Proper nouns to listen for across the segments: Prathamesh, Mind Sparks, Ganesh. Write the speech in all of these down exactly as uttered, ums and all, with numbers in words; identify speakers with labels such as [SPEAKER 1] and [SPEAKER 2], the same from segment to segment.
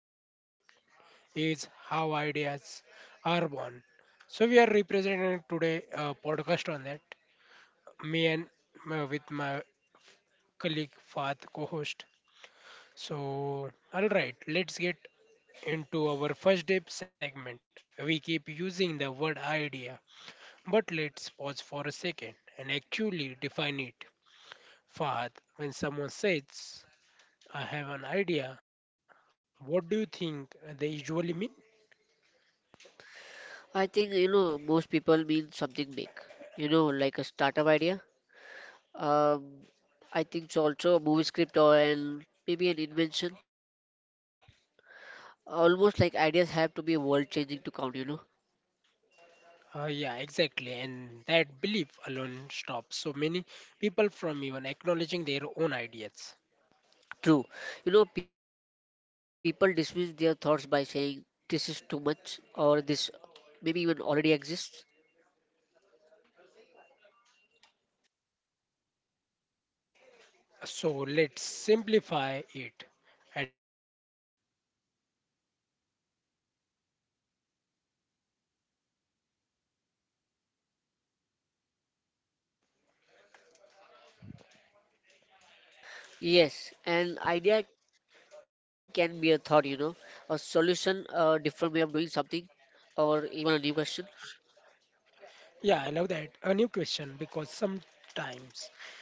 [SPEAKER 1] topic is how ideas are born. So we are representing today a podcast on that. Me and my, with my colleague Fath co-host. So all right, let's get into our first deep segment. We keep using the word idea, but let's pause for a second and actually define it. Fahad, when someone says, "I have an idea," what do you think they usually mean?
[SPEAKER 2] I think you know most people mean something big, you know, like a startup idea. Um, I think it's also a movie script or an, maybe an invention. Almost like ideas have to be world-changing to count, you know.
[SPEAKER 1] Uh, yeah, exactly. And that belief alone stops so many people from even acknowledging their own ideas.
[SPEAKER 2] True. You know, people dismiss their thoughts by saying this is too much or this maybe even already exists.
[SPEAKER 1] So let's simplify it. At the most basic level, an idea is just a new connection in your mind.
[SPEAKER 2] Yes, an idea can be a thought, you know, a solution, a different way of doing something, or even a new question.
[SPEAKER 1] Yeah, I love that. A new question because sometimes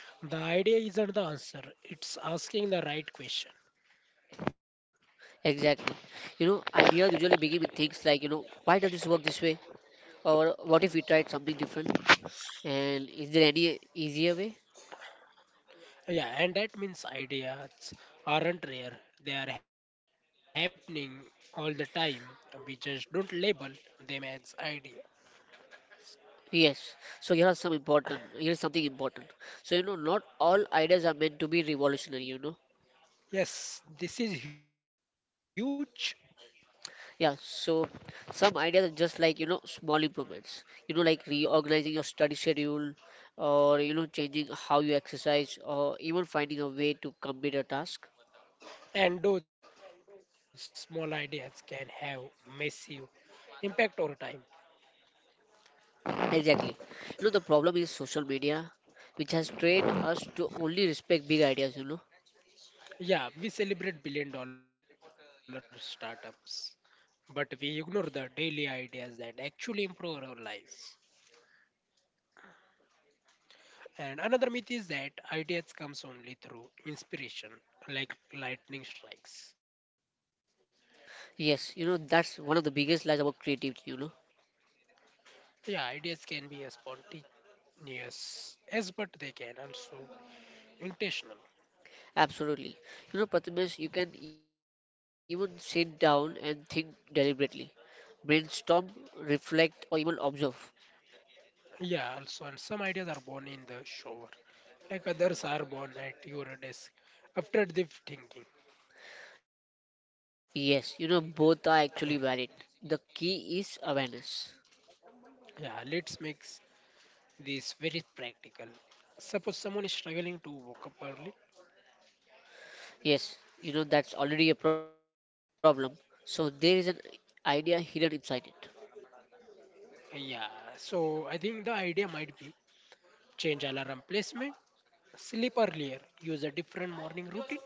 [SPEAKER 1] the idea isn't the answer, it's asking the right question.
[SPEAKER 2] Exactly. You know, ideas usually begin with things like, you know, why does this work this way? Or what if we tried something different? And is there any easier way?
[SPEAKER 1] Yeah, and that means ideas aren't rare. They are happening all the time. We just don't label them as idea.
[SPEAKER 2] Yes. So here are some important, here is something important. So, you know, not all ideas are meant to be revolutionary, you know.
[SPEAKER 1] Yes, this is huge,
[SPEAKER 2] Yeah, so some ideas are just like, you know, small improvements. You know, like reorganizing your study schedule or, you know, changing how you exercise or even finding a way to complete a task
[SPEAKER 1] and those small ideas can have massive impact over time.
[SPEAKER 2] Exactly. You know, the problem is social media, which has trained us to only respect big ideas, you know.
[SPEAKER 1] Yeah, we celebrate billion dollar startups, but we ignore the daily ideas that actually improve our lives. And another myth is that ideas comes only through inspiration, like lightning strikes.
[SPEAKER 2] Yes, you know, that's one of the biggest lies about creativity, you know.
[SPEAKER 1] Yeah, ideas can be as spontaneous as, but they can also intentional.
[SPEAKER 2] Absolutely. You know, Prathamesh, you can even sit down and think deliberately, brainstorm, reflect, or even observe.
[SPEAKER 1] Yeah, also, and some ideas are born in the shower, like others are born at your desk after deep thinking.
[SPEAKER 2] Yes, you know, both are actually valid. The key is awareness.
[SPEAKER 1] Yeah, let's make this very practical. Suppose someone is struggling to wake up early.
[SPEAKER 2] Yes, you know, that's already a problem. So there is an idea hidden inside it.
[SPEAKER 1] Yeah, so I think the idea might be change alarm placement, sleep earlier, use a different morning routine.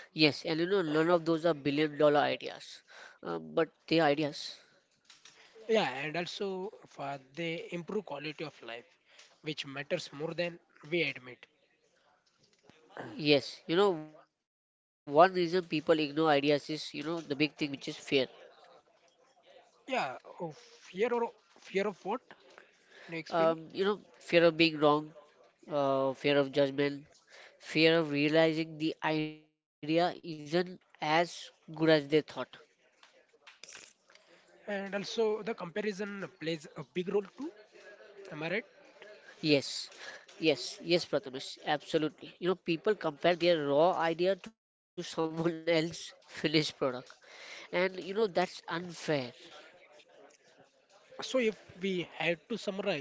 [SPEAKER 2] Yes, and you know, none of those are billion dollar ideas, um, but they are ideas.
[SPEAKER 1] Yeah, and also for they improve quality of life, which matters more than we admit.
[SPEAKER 2] Yes, you know, one reason people ignore ideas is, you know, the big thing which is fear.
[SPEAKER 1] Yeah, oh, fear or fear of what? Can you explain me?
[SPEAKER 2] Um, you know, fear of being wrong, uh, fear of judgment, fear of realizing the idea isn't as good as they thought.
[SPEAKER 1] And also the comparison plays a big role too. Am I right?
[SPEAKER 2] Yes, yes, yes, Prathamesh, absolutely. You know, people compare their raw idea to someone else's finished product, and you know, that's unfair.
[SPEAKER 1] So if we had to summarize,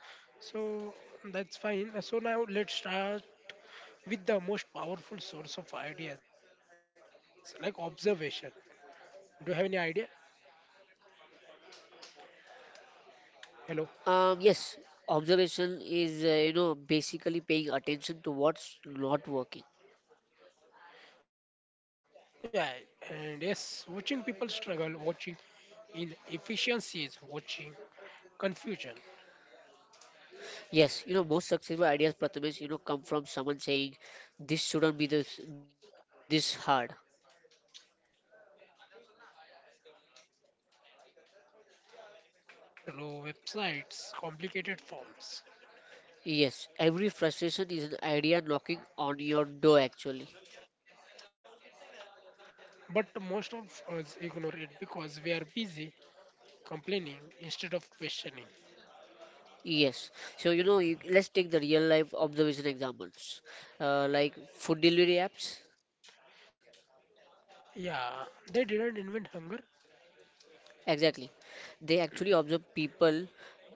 [SPEAKER 1] so that's fine. Uh, So now let's start with the most powerful source of ideas, like observation. Do you have any idea? Hello.
[SPEAKER 2] Um, yes, observation is, uh, you know, basically paying attention to what's not working.
[SPEAKER 1] Yeah, and yes, watching people struggle, watching inefficiencies, watching confusion.
[SPEAKER 2] Yes, you know, most successful ideas, Prathamesh, you know, come from someone saying, this shouldn't be this, this hard.
[SPEAKER 1] Yeah, think about a daily life, standing in long lines, slow websites, complicated
[SPEAKER 2] Yes,
[SPEAKER 1] forms.
[SPEAKER 2] every frustration is an idea knocking on your door, actually.
[SPEAKER 1] But most of us ignore it because we are busy complaining instead of questioning.
[SPEAKER 2] Yes, so you know, you, let's take the real life observation examples, uh, like food delivery apps.
[SPEAKER 1] Yeah, they didn't invent hunger.
[SPEAKER 2] Exactly, they actually observe people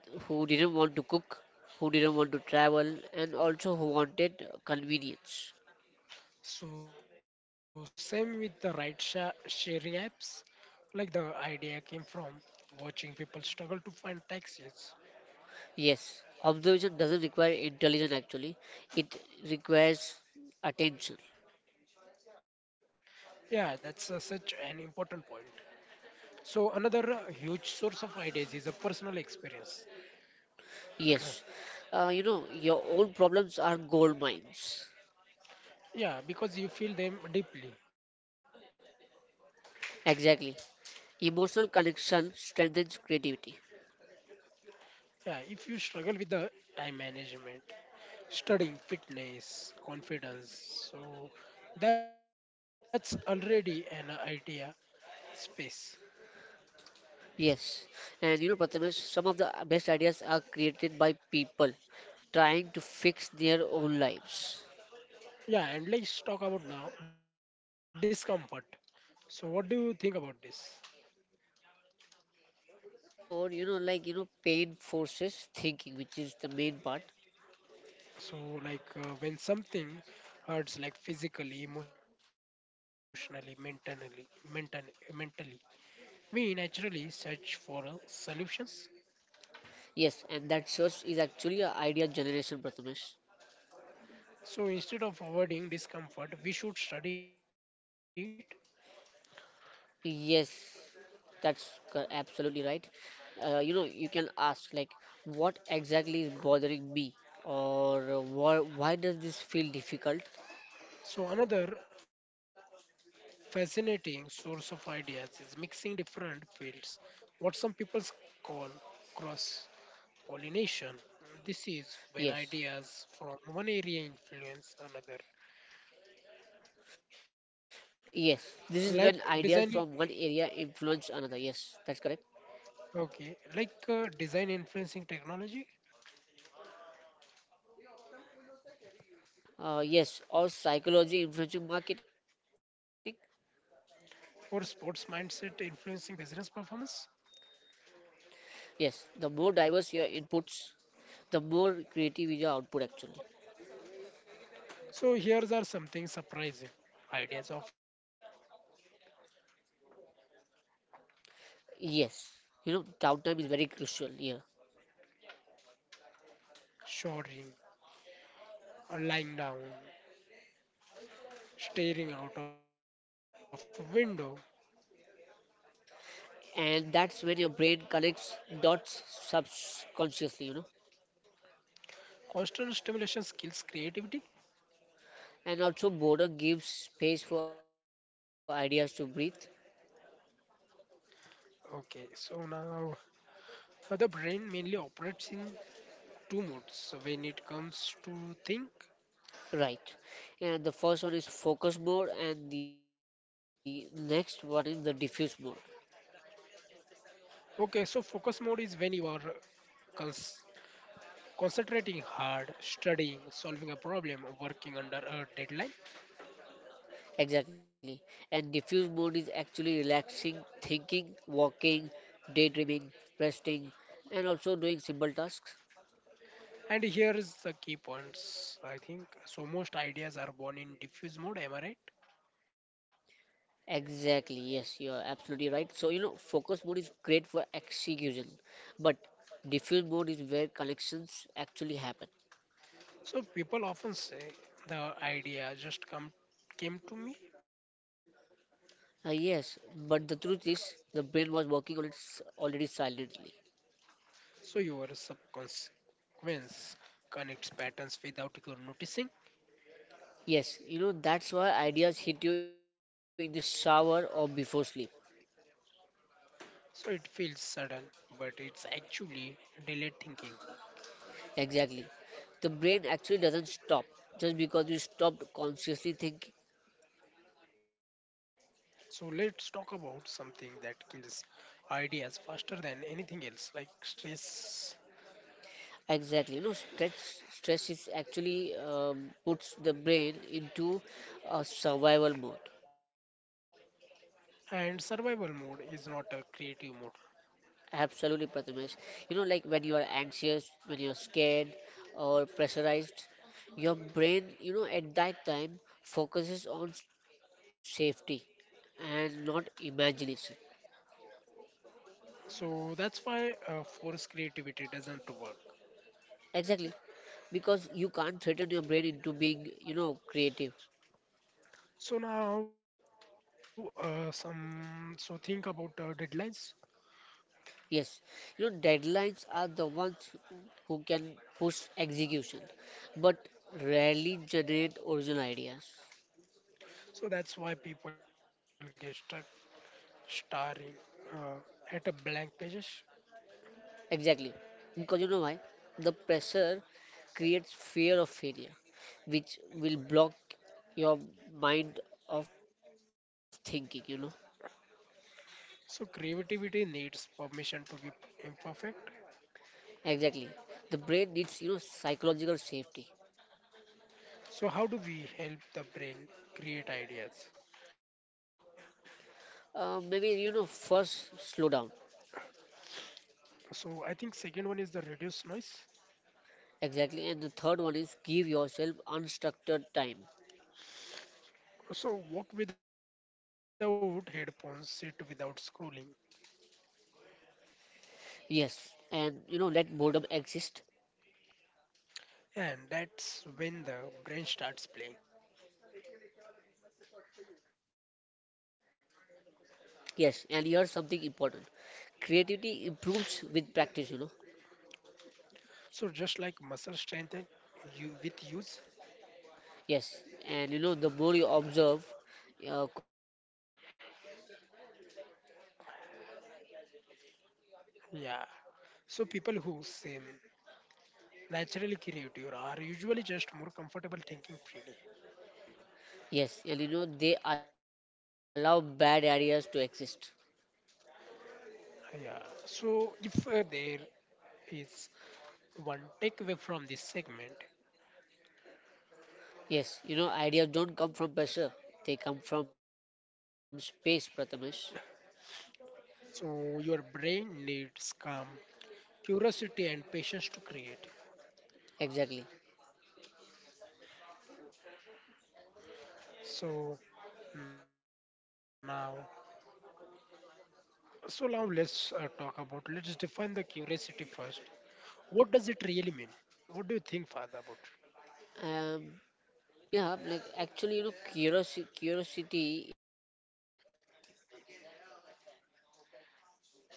[SPEAKER 2] who didn't want to cook, who didn't want to travel, and also who wanted convenience.
[SPEAKER 1] So same with the ride sha- sharing apps. Like the idea came from watching people struggle to find taxis.
[SPEAKER 2] Yes, observation doesn't require intelligence actually, it requires attention.
[SPEAKER 1] Yeah, that's uh, such an important point. So, another uh, huge source of ideas is a personal experience.
[SPEAKER 2] Yes, uh, you know, your own problems are gold mines.
[SPEAKER 1] Yeah, because you feel them deeply.
[SPEAKER 2] Exactly. Emotional connection strengthens creativity.
[SPEAKER 1] Yeah, if you struggle with the time management, studying, fitness, confidence, so that's already an idea space.
[SPEAKER 2] Yes, and you know, Prathamesh, some of the best ideas are created by people trying to fix their own lives.
[SPEAKER 1] Yeah, and let's talk about now discomfort. So, what do you think about
[SPEAKER 2] Yes,
[SPEAKER 1] this?
[SPEAKER 2] okay, for the discomfort, you know, like, you know, pain forces thinking, which is the main part.
[SPEAKER 1] So, like uh, when something hurts, like physically, emotionally, mentally, mentally, mentally, we naturally search for uh, solutions.
[SPEAKER 2] Yes, and that search is actually a idea generation, Prathamesh.
[SPEAKER 1] So, instead of avoiding discomfort, we should study it.
[SPEAKER 2] Yes, that's co- absolutely right. Uh, you know, you can ask, like, what exactly is bothering me? Or why, why does this feel difficult?
[SPEAKER 1] So, another fascinating source of ideas is mixing different fields, what some people call cross pollination. This is when
[SPEAKER 2] Yes,
[SPEAKER 1] ideas from one area influence another,
[SPEAKER 2] yes, this is when
[SPEAKER 1] like
[SPEAKER 2] ideas from
[SPEAKER 1] designing.
[SPEAKER 2] one area influence another. Yes, that's correct.
[SPEAKER 1] Okay, like uh, design influencing technology
[SPEAKER 2] Uh, yes, or psychology influencing marketing.
[SPEAKER 1] or sports mindset influencing business performance.
[SPEAKER 2] Yes, the more diverse your inputs, the more creative is your output actually.
[SPEAKER 1] So here's are something surprising. Ideas often come when you are bored.
[SPEAKER 2] Yes, you know, downtime is very crucial here.
[SPEAKER 1] Yeah, so walking, showering, or lying down, staring out of a window.
[SPEAKER 2] And that's when your brain connects dots subconsciously, you know.
[SPEAKER 1] Constant stimulation skills creativity.
[SPEAKER 2] And also, boredom gives space for ideas to breathe.
[SPEAKER 1] Okay, so now uh, the brain mainly operates in two modes when it comes to think.
[SPEAKER 2] Right. And the first one is focus mode, and the next one is the diffuse mode.
[SPEAKER 1] Okay, so focus mode is when you are Cons- concentrating hard, studying, solving a problem, working under a deadline.
[SPEAKER 2] Exactly. And diffuse mode is actually relaxing, thinking, walking, daydreaming, resting, and also doing simple tasks.
[SPEAKER 1] And here is the key points, I think. So, most ideas are born in diffuse mode, am I right?
[SPEAKER 2] Exactly. Yes, you're absolutely right. So, you know, focus mode is great for execution, but diffuse mode is where connections actually happen.
[SPEAKER 1] So, people often say the idea just come came to me.
[SPEAKER 2] Uh, yes, but the truth is, the brain was working on its already silently.
[SPEAKER 1] So, your subconscious connects patterns without you noticing.
[SPEAKER 2] Yes, you know, that's why ideas hit you in the shower or before sleep.
[SPEAKER 1] So, it feels sudden, but it's actually delayed thinking.
[SPEAKER 2] Exactly. The brain actually doesn't stop just because you stopped consciously thinking.
[SPEAKER 1] So let's talk about something that kills ideas faster than anything else, like stress.
[SPEAKER 2] Exactly. You know, stress stress is actually um, puts the brain into a survival mode.
[SPEAKER 1] And survival mode is not a creative mode.
[SPEAKER 2] Absolutely, Prathamesh. You know, like when you are anxious, when you're scared or pressurized, your brain, you know, at that time focuses on safety and not imagination.
[SPEAKER 1] So that's why uh, force creativity doesn't work.
[SPEAKER 2] Exactly, because you can't threaten your brain into being, you know, creative.
[SPEAKER 1] So now, uh, some so think about uh, deadlines.
[SPEAKER 2] Yes, you know, deadlines are the ones who can push execution, but rarely generate original ideas.
[SPEAKER 1] So that's why people get stuck staring uh, at a blank pages.
[SPEAKER 2] Exactly, because you know why? The pressure creates fear of failure, which will block your mind of thinking. You know,
[SPEAKER 1] So creativity needs permission to be imperfect.
[SPEAKER 2] exactly. The brain needs you know psychological safety.
[SPEAKER 1] So how do we help the brain create ideas?
[SPEAKER 2] Uh, maybe you know first slow down.
[SPEAKER 1] So I think second one is the reduce noise.
[SPEAKER 2] Exactly, and the third one is give yourself unstructured time
[SPEAKER 1] So walk without headphones, sit without scrolling,
[SPEAKER 2] Yes, and you know, let boredom exist.
[SPEAKER 1] and that's when the brain starts playing.
[SPEAKER 2] Yes, and here's something important. Creativity improves with practice, you know.
[SPEAKER 1] So just like muscle strengthen you with use,
[SPEAKER 2] Yes, and you know, the more you observe, uh, question, and reflect, the more ideas you generate, you know.
[SPEAKER 1] yeah. So people who seem naturally creative are usually just more comfortable thinking freely.
[SPEAKER 2] Yes, and you know, they allow bad ideas to exist.
[SPEAKER 1] Yeah. So if uh, there is one takeaway from this segment,
[SPEAKER 2] Yes, you know, ideas don't come from pressure, they come from space, Prathamesh.
[SPEAKER 1] so your brain needs calm, curiosity and patience to create.
[SPEAKER 2] Exactly.
[SPEAKER 1] So now, so now let's uh, talk about let's define the curiosity first. What does it really mean? What do you think, Father, about it?
[SPEAKER 2] Um, Yeah, like actually, you know, curiosity, curiosity is the desire to understand, like no, not just accept,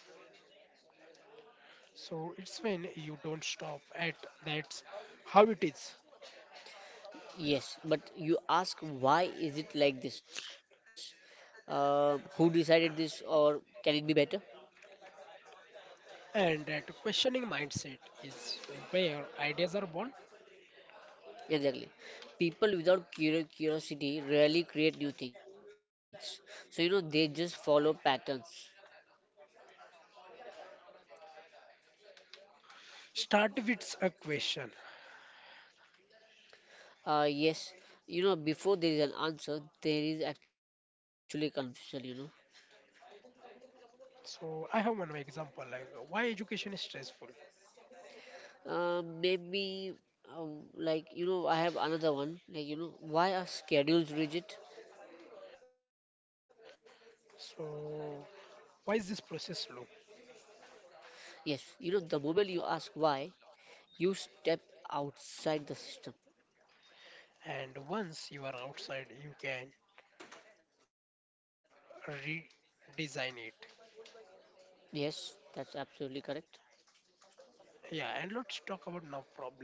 [SPEAKER 1] So it's when you don't stop at that's how it is,
[SPEAKER 2] Yes, but you ask why is it like this? Uh, who decided this, or can it be better?
[SPEAKER 1] and that questioning mindset is where ideas are born.
[SPEAKER 2] Exactly. People without curio- curiosity rarely create new things. So, you know, they just follow patterns.
[SPEAKER 1] So uh, I think uh, every idea start with a question.
[SPEAKER 2] Uh, yes, you know, before there is an answer, there is actually confusion, you know.
[SPEAKER 1] So I have one example like why education is stressful.
[SPEAKER 2] Um, maybe um, like you know, I have another one. Like you know, why are schedules rigid?
[SPEAKER 1] So, why is this process slow?
[SPEAKER 2] Yes, you know, the moment you ask why, you step outside the system.
[SPEAKER 1] And once you are outside, you can redesign it.
[SPEAKER 2] Yes, that's absolutely correct.
[SPEAKER 1] Yeah, and let's talk about now problems.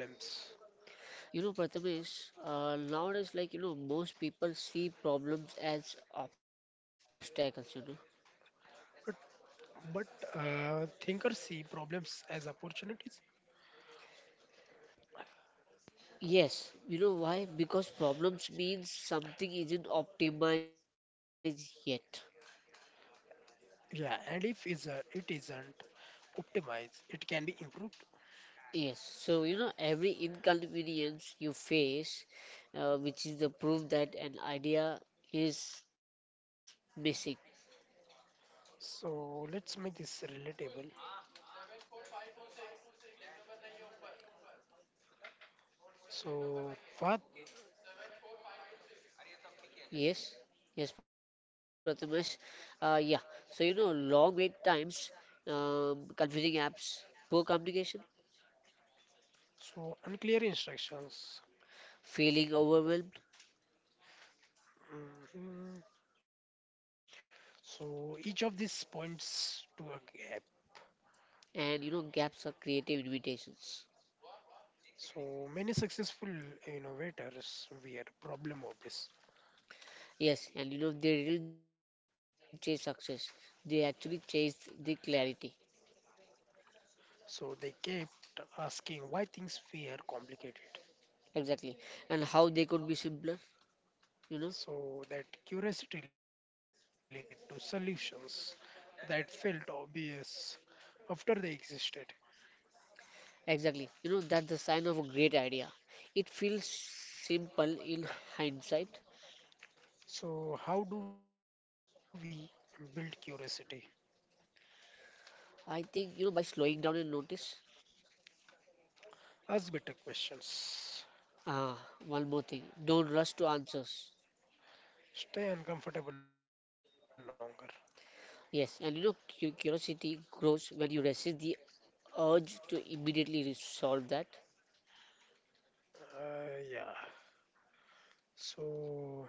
[SPEAKER 2] You know, Prathamesh, uh, nowadays, like you know, most people see problems as obstacles. You know.
[SPEAKER 1] But, but uh, thinkers see problems as opportunities.
[SPEAKER 2] Yes, you know why? Because problems means something isn't optimized yet.
[SPEAKER 1] Yeah, and if is a, it isn't optimized, it can be improved.
[SPEAKER 2] Yes, so you know, every inconvenience you face, uh, which is the proof that an idea is missing.
[SPEAKER 1] So let's make this relatable. So path,
[SPEAKER 2] Yes, yes, Prathamesh. Uh, yeah, so you know, long wait times, um, confusing apps, poor communication,
[SPEAKER 1] so unclear instructions.
[SPEAKER 2] feeling overwhelmed,
[SPEAKER 1] Mhm. So each of these points to a gap.
[SPEAKER 2] and you know, gaps of creative invitations.
[SPEAKER 1] So many successful innovators were problem obvious.
[SPEAKER 2] Yes, and you know, they didn't chase success, they actually chased the clarity.
[SPEAKER 1] So they kept asking why things were complicated.
[SPEAKER 2] Exactly. And how they could be simpler, you know.
[SPEAKER 1] So that curiosity led to solutions that felt obvious after they existed.
[SPEAKER 2] Exactly. You know, that's the sign of a great idea. It feels simple in hindsight.
[SPEAKER 1] So how do we build curiosity?
[SPEAKER 2] I think, you know, by slowing down and notice.
[SPEAKER 1] Ask better questions.
[SPEAKER 2] Ah, one more thing. Don't rush to answers.
[SPEAKER 1] Stay uncomfortable longer.
[SPEAKER 2] Yes, and you know, cu- curiosity grows when you resist the urge to immediately resolve that.
[SPEAKER 1] Uh, yeah. So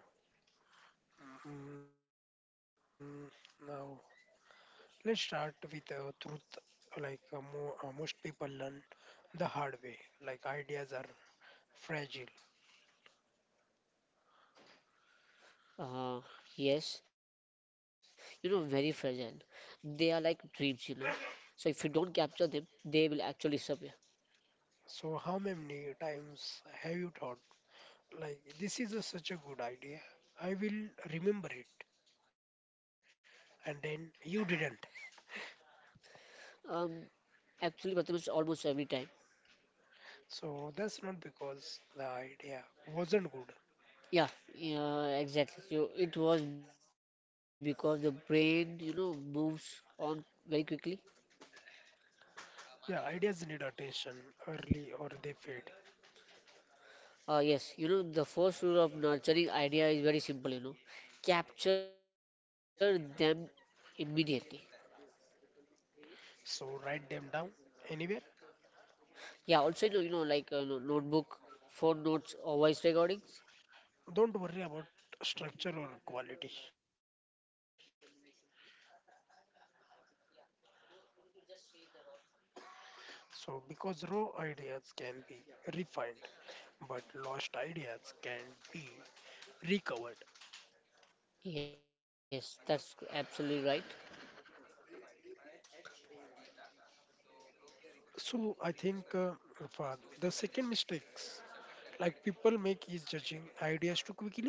[SPEAKER 1] mm, now let's start with uh, truth. Like uh, mo- uh, most people learn the hard way. Like ideas are fragile.
[SPEAKER 2] Uh, yes, you know, very fragile. They are like dreams, you know. So if you don't capture them, they will actually disappear.
[SPEAKER 1] So how many times have you thought like this is a, such a good idea? I will remember it, and then you didn't.
[SPEAKER 2] Um, Actually, Prathamesh, almost every time.
[SPEAKER 1] So that's not because the idea wasn't good.
[SPEAKER 2] Yeah, yeah, exactly. So it was because the brain, you know, moves on very quickly.
[SPEAKER 1] Yeah, ideas need attention early or they fade.
[SPEAKER 2] Uh, yes, you know, the first rule of nurturing idea is very simple, you know, capture them immediately.
[SPEAKER 1] So write them down anywhere.
[SPEAKER 2] Yeah, also, you know, you know like uh, no- notebook, phone notes, or voice recordings.
[SPEAKER 1] Don't worry about structure or quality.
[SPEAKER 2] Yeah, you know, you need to just save the raw thought.
[SPEAKER 1] So, because raw ideas can be refined, but lost ideas can be recovered.
[SPEAKER 2] Yes, that's absolutely right.
[SPEAKER 1] So, I think uh, for the second mistakes like people make is judging ideas too quickly,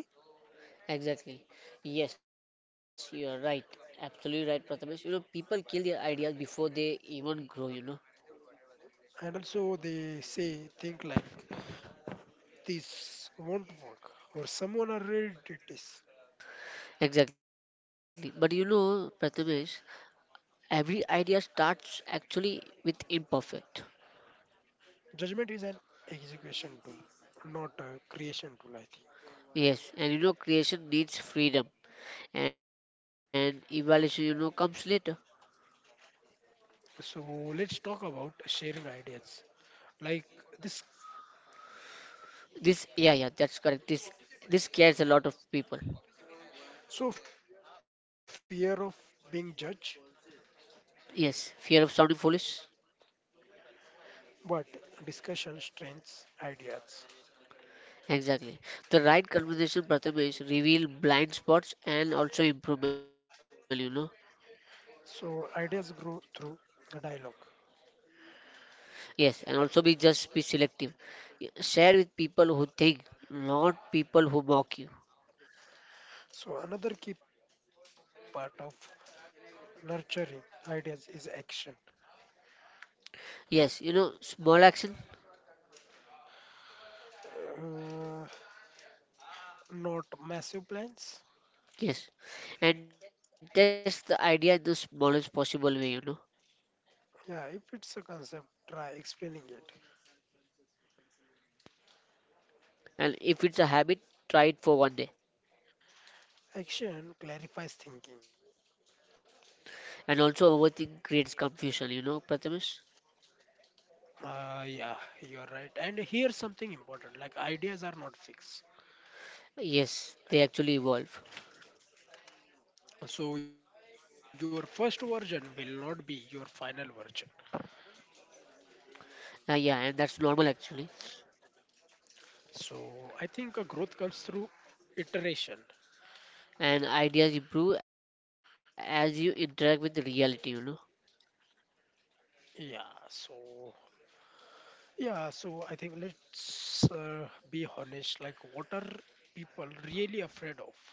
[SPEAKER 2] Exactly. Yes, you are right. Absolutely right, Prathamesh. You know, people kill their ideas before they even grow, you know.
[SPEAKER 1] and also they say think like this won't work or someone already did this.
[SPEAKER 2] Exactly. But you know, Prathamesh, every idea starts actually with imperfect.
[SPEAKER 1] Judgment is an execution tool, not a creation tool. I think.
[SPEAKER 2] Yes, and you know, creation needs freedom, and evaluation, you know, comes later.
[SPEAKER 1] So let's talk about sharing ideas. Like this,
[SPEAKER 2] This, yeah, yeah, that's correct. This, this scares a lot of people.
[SPEAKER 1] so, fear of being judged,
[SPEAKER 2] Yes, fear of sounding foolish.
[SPEAKER 1] but discussion strengthens ideas.
[SPEAKER 2] Exactly. The right conversation, Prathamesh, reveal blind spots and also improvement. you know.
[SPEAKER 1] So, ideas grow through a dialogue.
[SPEAKER 2] Yes, and also be just be selective. Y- Share with people who think, not people who mock you.
[SPEAKER 1] So, another key part of nurturing ideas is action,
[SPEAKER 2] Yes, you know, small action.
[SPEAKER 1] uh, not massive plans.
[SPEAKER 2] Yes. And test the idea in the smallest possible way, you know.
[SPEAKER 1] Yeah, if it's a concept, try explaining it.
[SPEAKER 2] And if it's a habit, try it for one day.
[SPEAKER 1] Action clarifies thinking.
[SPEAKER 2] And also, overthink creates confusion, you know, Prathamesh?
[SPEAKER 1] Uh, yeah, you're right. And here's something important like, ideas are not fixed.
[SPEAKER 2] Yes, they actually evolve.
[SPEAKER 1] So your first version will not be your final version.
[SPEAKER 2] Uh, yeah, and that's normal actually.
[SPEAKER 1] So I think uh, growth comes through iteration.
[SPEAKER 2] And ideas improve as you interact with reality, you know.
[SPEAKER 1] Yeah. So yeah. So I think let's uh, be honest. Like, what are people really afraid of?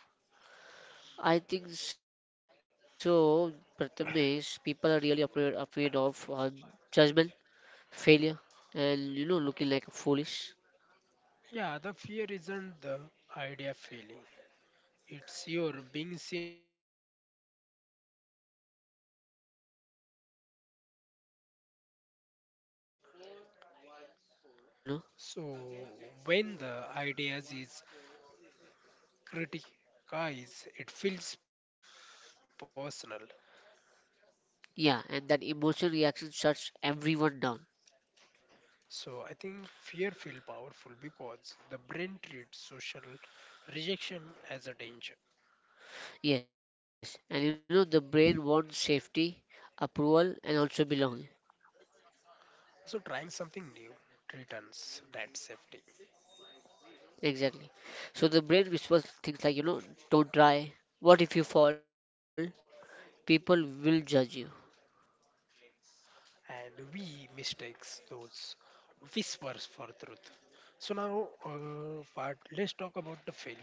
[SPEAKER 2] I think so, Prathamesh. People are really afraid, afraid of uh, judgment, failure, and you know, looking like foolish.
[SPEAKER 1] Yeah. The fear isn't the idea failing. It's your being seen as wrong.
[SPEAKER 2] Exactly. You know, people attach their identity to their ideas, you know.
[SPEAKER 1] So when the ideas is criticized, it feels personal.
[SPEAKER 2] Yeah, and that emotional reaction shuts everyone down.
[SPEAKER 1] So I think fear feel powerful because the brain treats social rejection as a danger.
[SPEAKER 2] Yes, and you know, the brain wants safety, approval, and also belonging.
[SPEAKER 1] So trying something new returns that safety.
[SPEAKER 2] Exactly. So the brain whispers things like, you know, don't try, what if you fall? People will judge you.
[SPEAKER 1] And we mistakes those whispers for truth. So now uh, part let's talk about the failure.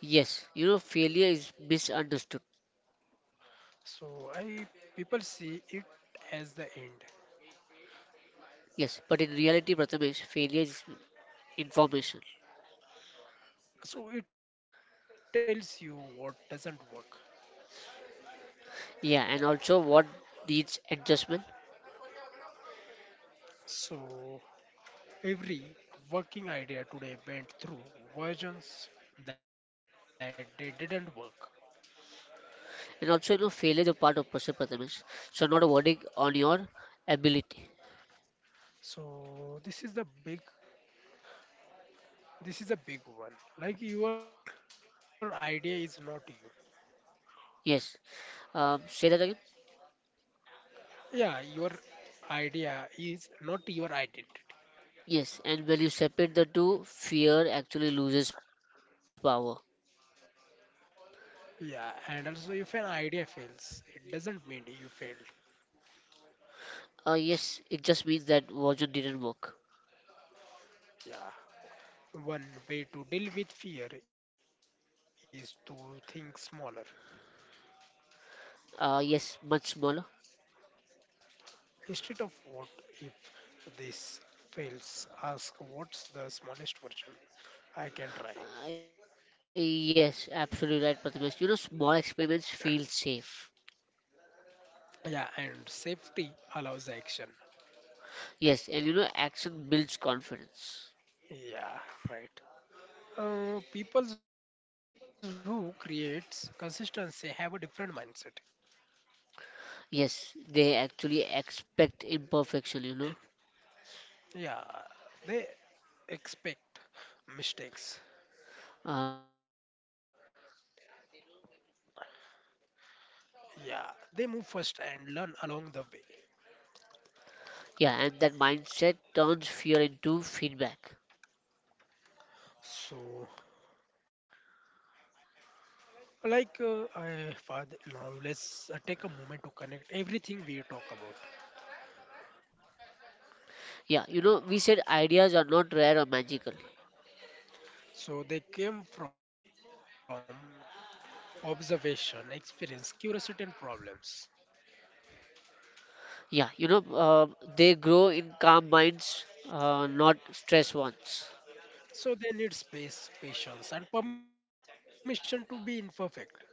[SPEAKER 2] Yes, you know, failure is misunderstood.
[SPEAKER 1] So I people see it as the end.
[SPEAKER 2] Yes, but in reality, Prathamesh, failure is information.
[SPEAKER 1] So it tells you what doesn't work.
[SPEAKER 2] Yeah, and also what needs adjustment?
[SPEAKER 1] So every working idea today went through versions that they didn't work.
[SPEAKER 2] And also, you know, failure is a part of process, Prathamesh. So, not a verdict on your ability.
[SPEAKER 1] So this is the big this is a big one. Like your idea is not you.
[SPEAKER 2] Yes. Um, say that again.
[SPEAKER 1] Yeah, your idea is not your identity.
[SPEAKER 2] Yes. And when you separate the two, fear actually loses power.
[SPEAKER 1] Yeah, and also if an idea fails, it doesn't mean you failed.
[SPEAKER 2] Uh, yes, it just means that version didn't work.
[SPEAKER 1] Yeah. One way to deal with fear is to think smaller.
[SPEAKER 2] Uh, yes, much smaller.
[SPEAKER 1] Instead of what if this fails, ask what's the smallest version I can try.
[SPEAKER 2] Uh, yes, absolutely right, Prathamesh. You know, small experiments feel safe.
[SPEAKER 1] Yeah, and safety allows action.
[SPEAKER 2] Yes, and you know, action builds confidence.
[SPEAKER 1] Yeah, right. Uh, people who creates consistency have a different mindset.
[SPEAKER 2] Yes, they actually expect imperfection, you know.
[SPEAKER 1] Yeah, they expect mistakes.
[SPEAKER 2] Uh, yes, they know when to feel confident, you know.
[SPEAKER 1] Yeah, they move first and learn along the way.
[SPEAKER 2] Yeah, and that mindset turns fear into feedback.
[SPEAKER 1] So, like, uh, I father, now let's uh, take a moment to connect everything we talk about.
[SPEAKER 2] Yeah, you know, we said ideas are not rare or magical.
[SPEAKER 1] So, they came from observation, experience, curiosity, and problems.
[SPEAKER 2] Yeah, you know, um they grow in calm minds, uh, not stressed ones.
[SPEAKER 1] So they need space, patience, and permission to be imperfect.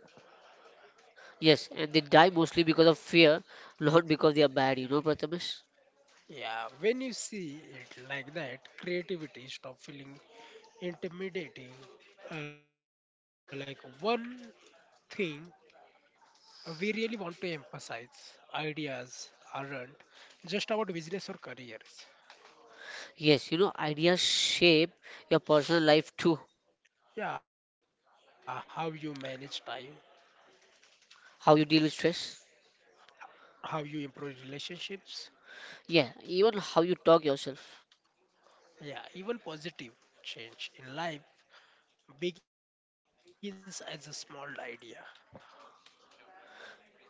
[SPEAKER 2] Yes, and they die mostly because of fear, not because they are bad, you know, Prathamesh.
[SPEAKER 1] Yeah, when you see it like that, creativity stop feeling intimidating. Uh, like one thing we really want to emphasize: ideas aren't just about business or careers.
[SPEAKER 2] Yes, you know, ideas shape your personal life too.
[SPEAKER 1] Yeah, how you manage time,
[SPEAKER 2] How you deal with stress.
[SPEAKER 1] how you improve relationships.
[SPEAKER 2] Yeah, even how you talk yourself.
[SPEAKER 1] Yeah, even positive change in life begins as a small idea.
[SPEAKER 2] Yes.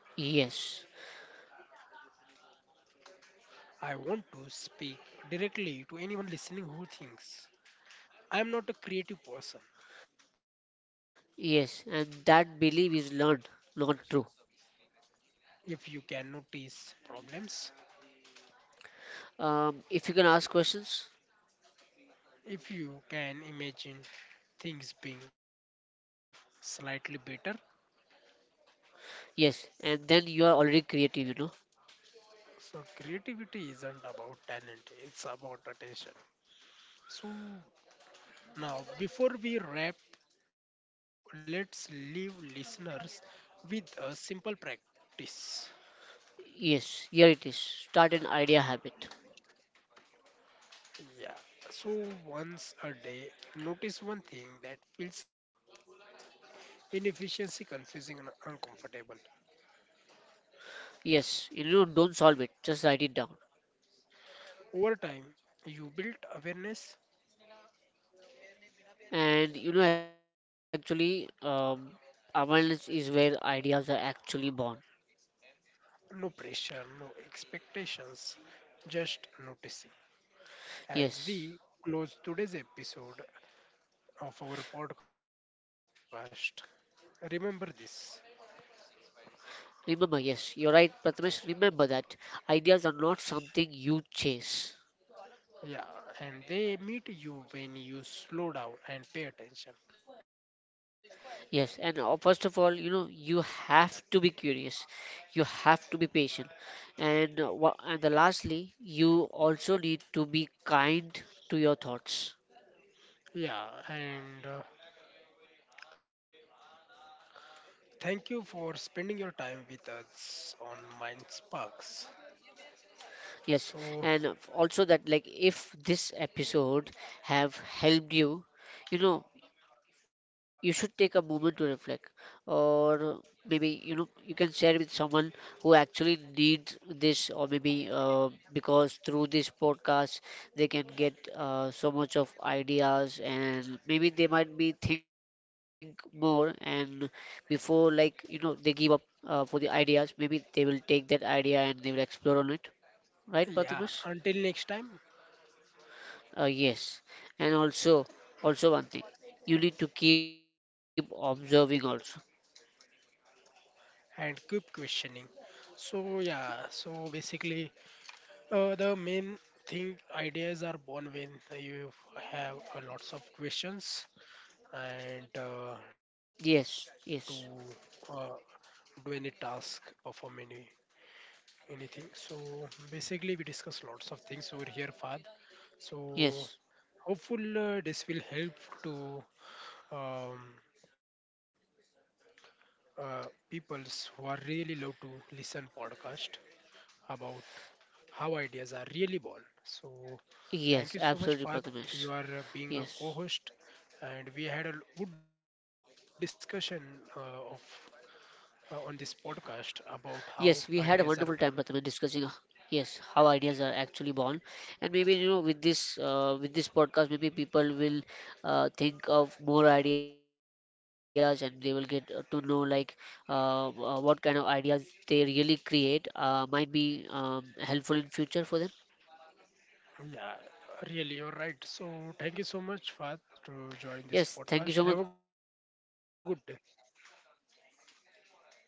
[SPEAKER 1] I want to speak directly to anyone listening who thinks I'm not a creative person.
[SPEAKER 2] Yes, and that belief is learned, not true.
[SPEAKER 1] If you can notice problems,
[SPEAKER 2] Um, if you can ask questions,
[SPEAKER 1] if you can imagine things being slightly better.
[SPEAKER 2] yes, and then you are already creative, you know.
[SPEAKER 1] So, creativity isn't about talent, it's about attention. So, now before we wrap, let's leave listeners with a simple practice.
[SPEAKER 2] Yes, here it is. Start an idea habit.
[SPEAKER 1] Yeah. So once a day, notice one thing that feels inefficiency confusing and uncomfortable.
[SPEAKER 2] Yes, you know, don't solve it, just write it down.
[SPEAKER 1] Over time, you build awareness,
[SPEAKER 2] And you know, actually, um, awareness is where ideas are actually born.
[SPEAKER 1] no pressure, no expectations, just noticing. As we close
[SPEAKER 2] Yes,
[SPEAKER 1] today's episode of our podcast, remember this.
[SPEAKER 2] remember, yes, you're right, Prathamesh. Remember that ideas are not something you chase,
[SPEAKER 1] Yeah, and they meet you when you slow down and pay attention.
[SPEAKER 2] Yes, and uh, first of all, you know, you have to be curious. You have to be patient. And uh, wha- and the lastly, you also need to be kind to your thoughts.
[SPEAKER 1] Yeah, and uh, thank you for spending your time with us on Mind Sparks. So,
[SPEAKER 2] Yes, and also that like if this episode have helped you, you know, you should take a moment to reflect, or maybe you know you can share with someone who actually needs this, or maybe uh, because through this podcast they can get uh, so much of ideas, and maybe they might be think more, and before like you know they give up uh, for the ideas, maybe they will take that idea and they will explore on it right
[SPEAKER 1] yeah,
[SPEAKER 2] Prathamesh?
[SPEAKER 1] until next time,
[SPEAKER 2] Uh, yes, and also also one thing you need to keep observing also.
[SPEAKER 1] and keep questioning. So yeah, so basically, uh, the main thing ideas are born when you have uh, lots of questions and uh,
[SPEAKER 2] Yes,
[SPEAKER 1] to
[SPEAKER 2] yes,
[SPEAKER 1] uh, do any task, perform any anything. So basically, we discuss lots of things over here, Fad. So
[SPEAKER 2] yes,
[SPEAKER 1] hopeful uh, this will help to um, uh, peoples who are really love to listen podcast about how ideas are really born. So, thank you so
[SPEAKER 2] yes,
[SPEAKER 1] much, Fahad.
[SPEAKER 2] absolutely
[SPEAKER 1] You
[SPEAKER 2] Prathamesh.
[SPEAKER 1] are uh, being a
[SPEAKER 2] Yes,
[SPEAKER 1] co-host, and we had a l- good discussion uh, of uh, on this podcast about how
[SPEAKER 2] Yes, we had a
[SPEAKER 1] ideas are
[SPEAKER 2] wonderful
[SPEAKER 1] born.
[SPEAKER 2] time, Pratham, in discussing h- yes how ideas are actually born, and maybe you know with this uh, with this podcast, maybe people will uh, think of more ideas, and they will get uh, to know like uh, uh, what kind of ideas they really create uh, might be um, helpful in future for them.
[SPEAKER 1] Yeah, really, you're right. So, thank you so much, Fahad, to join this
[SPEAKER 2] Yes, thank you
[SPEAKER 1] podcast.
[SPEAKER 2] so
[SPEAKER 1] Have
[SPEAKER 2] much,
[SPEAKER 1] a good day.
[SPEAKER 2] Prathamesh. Yes, have a nice day, Prathamesh.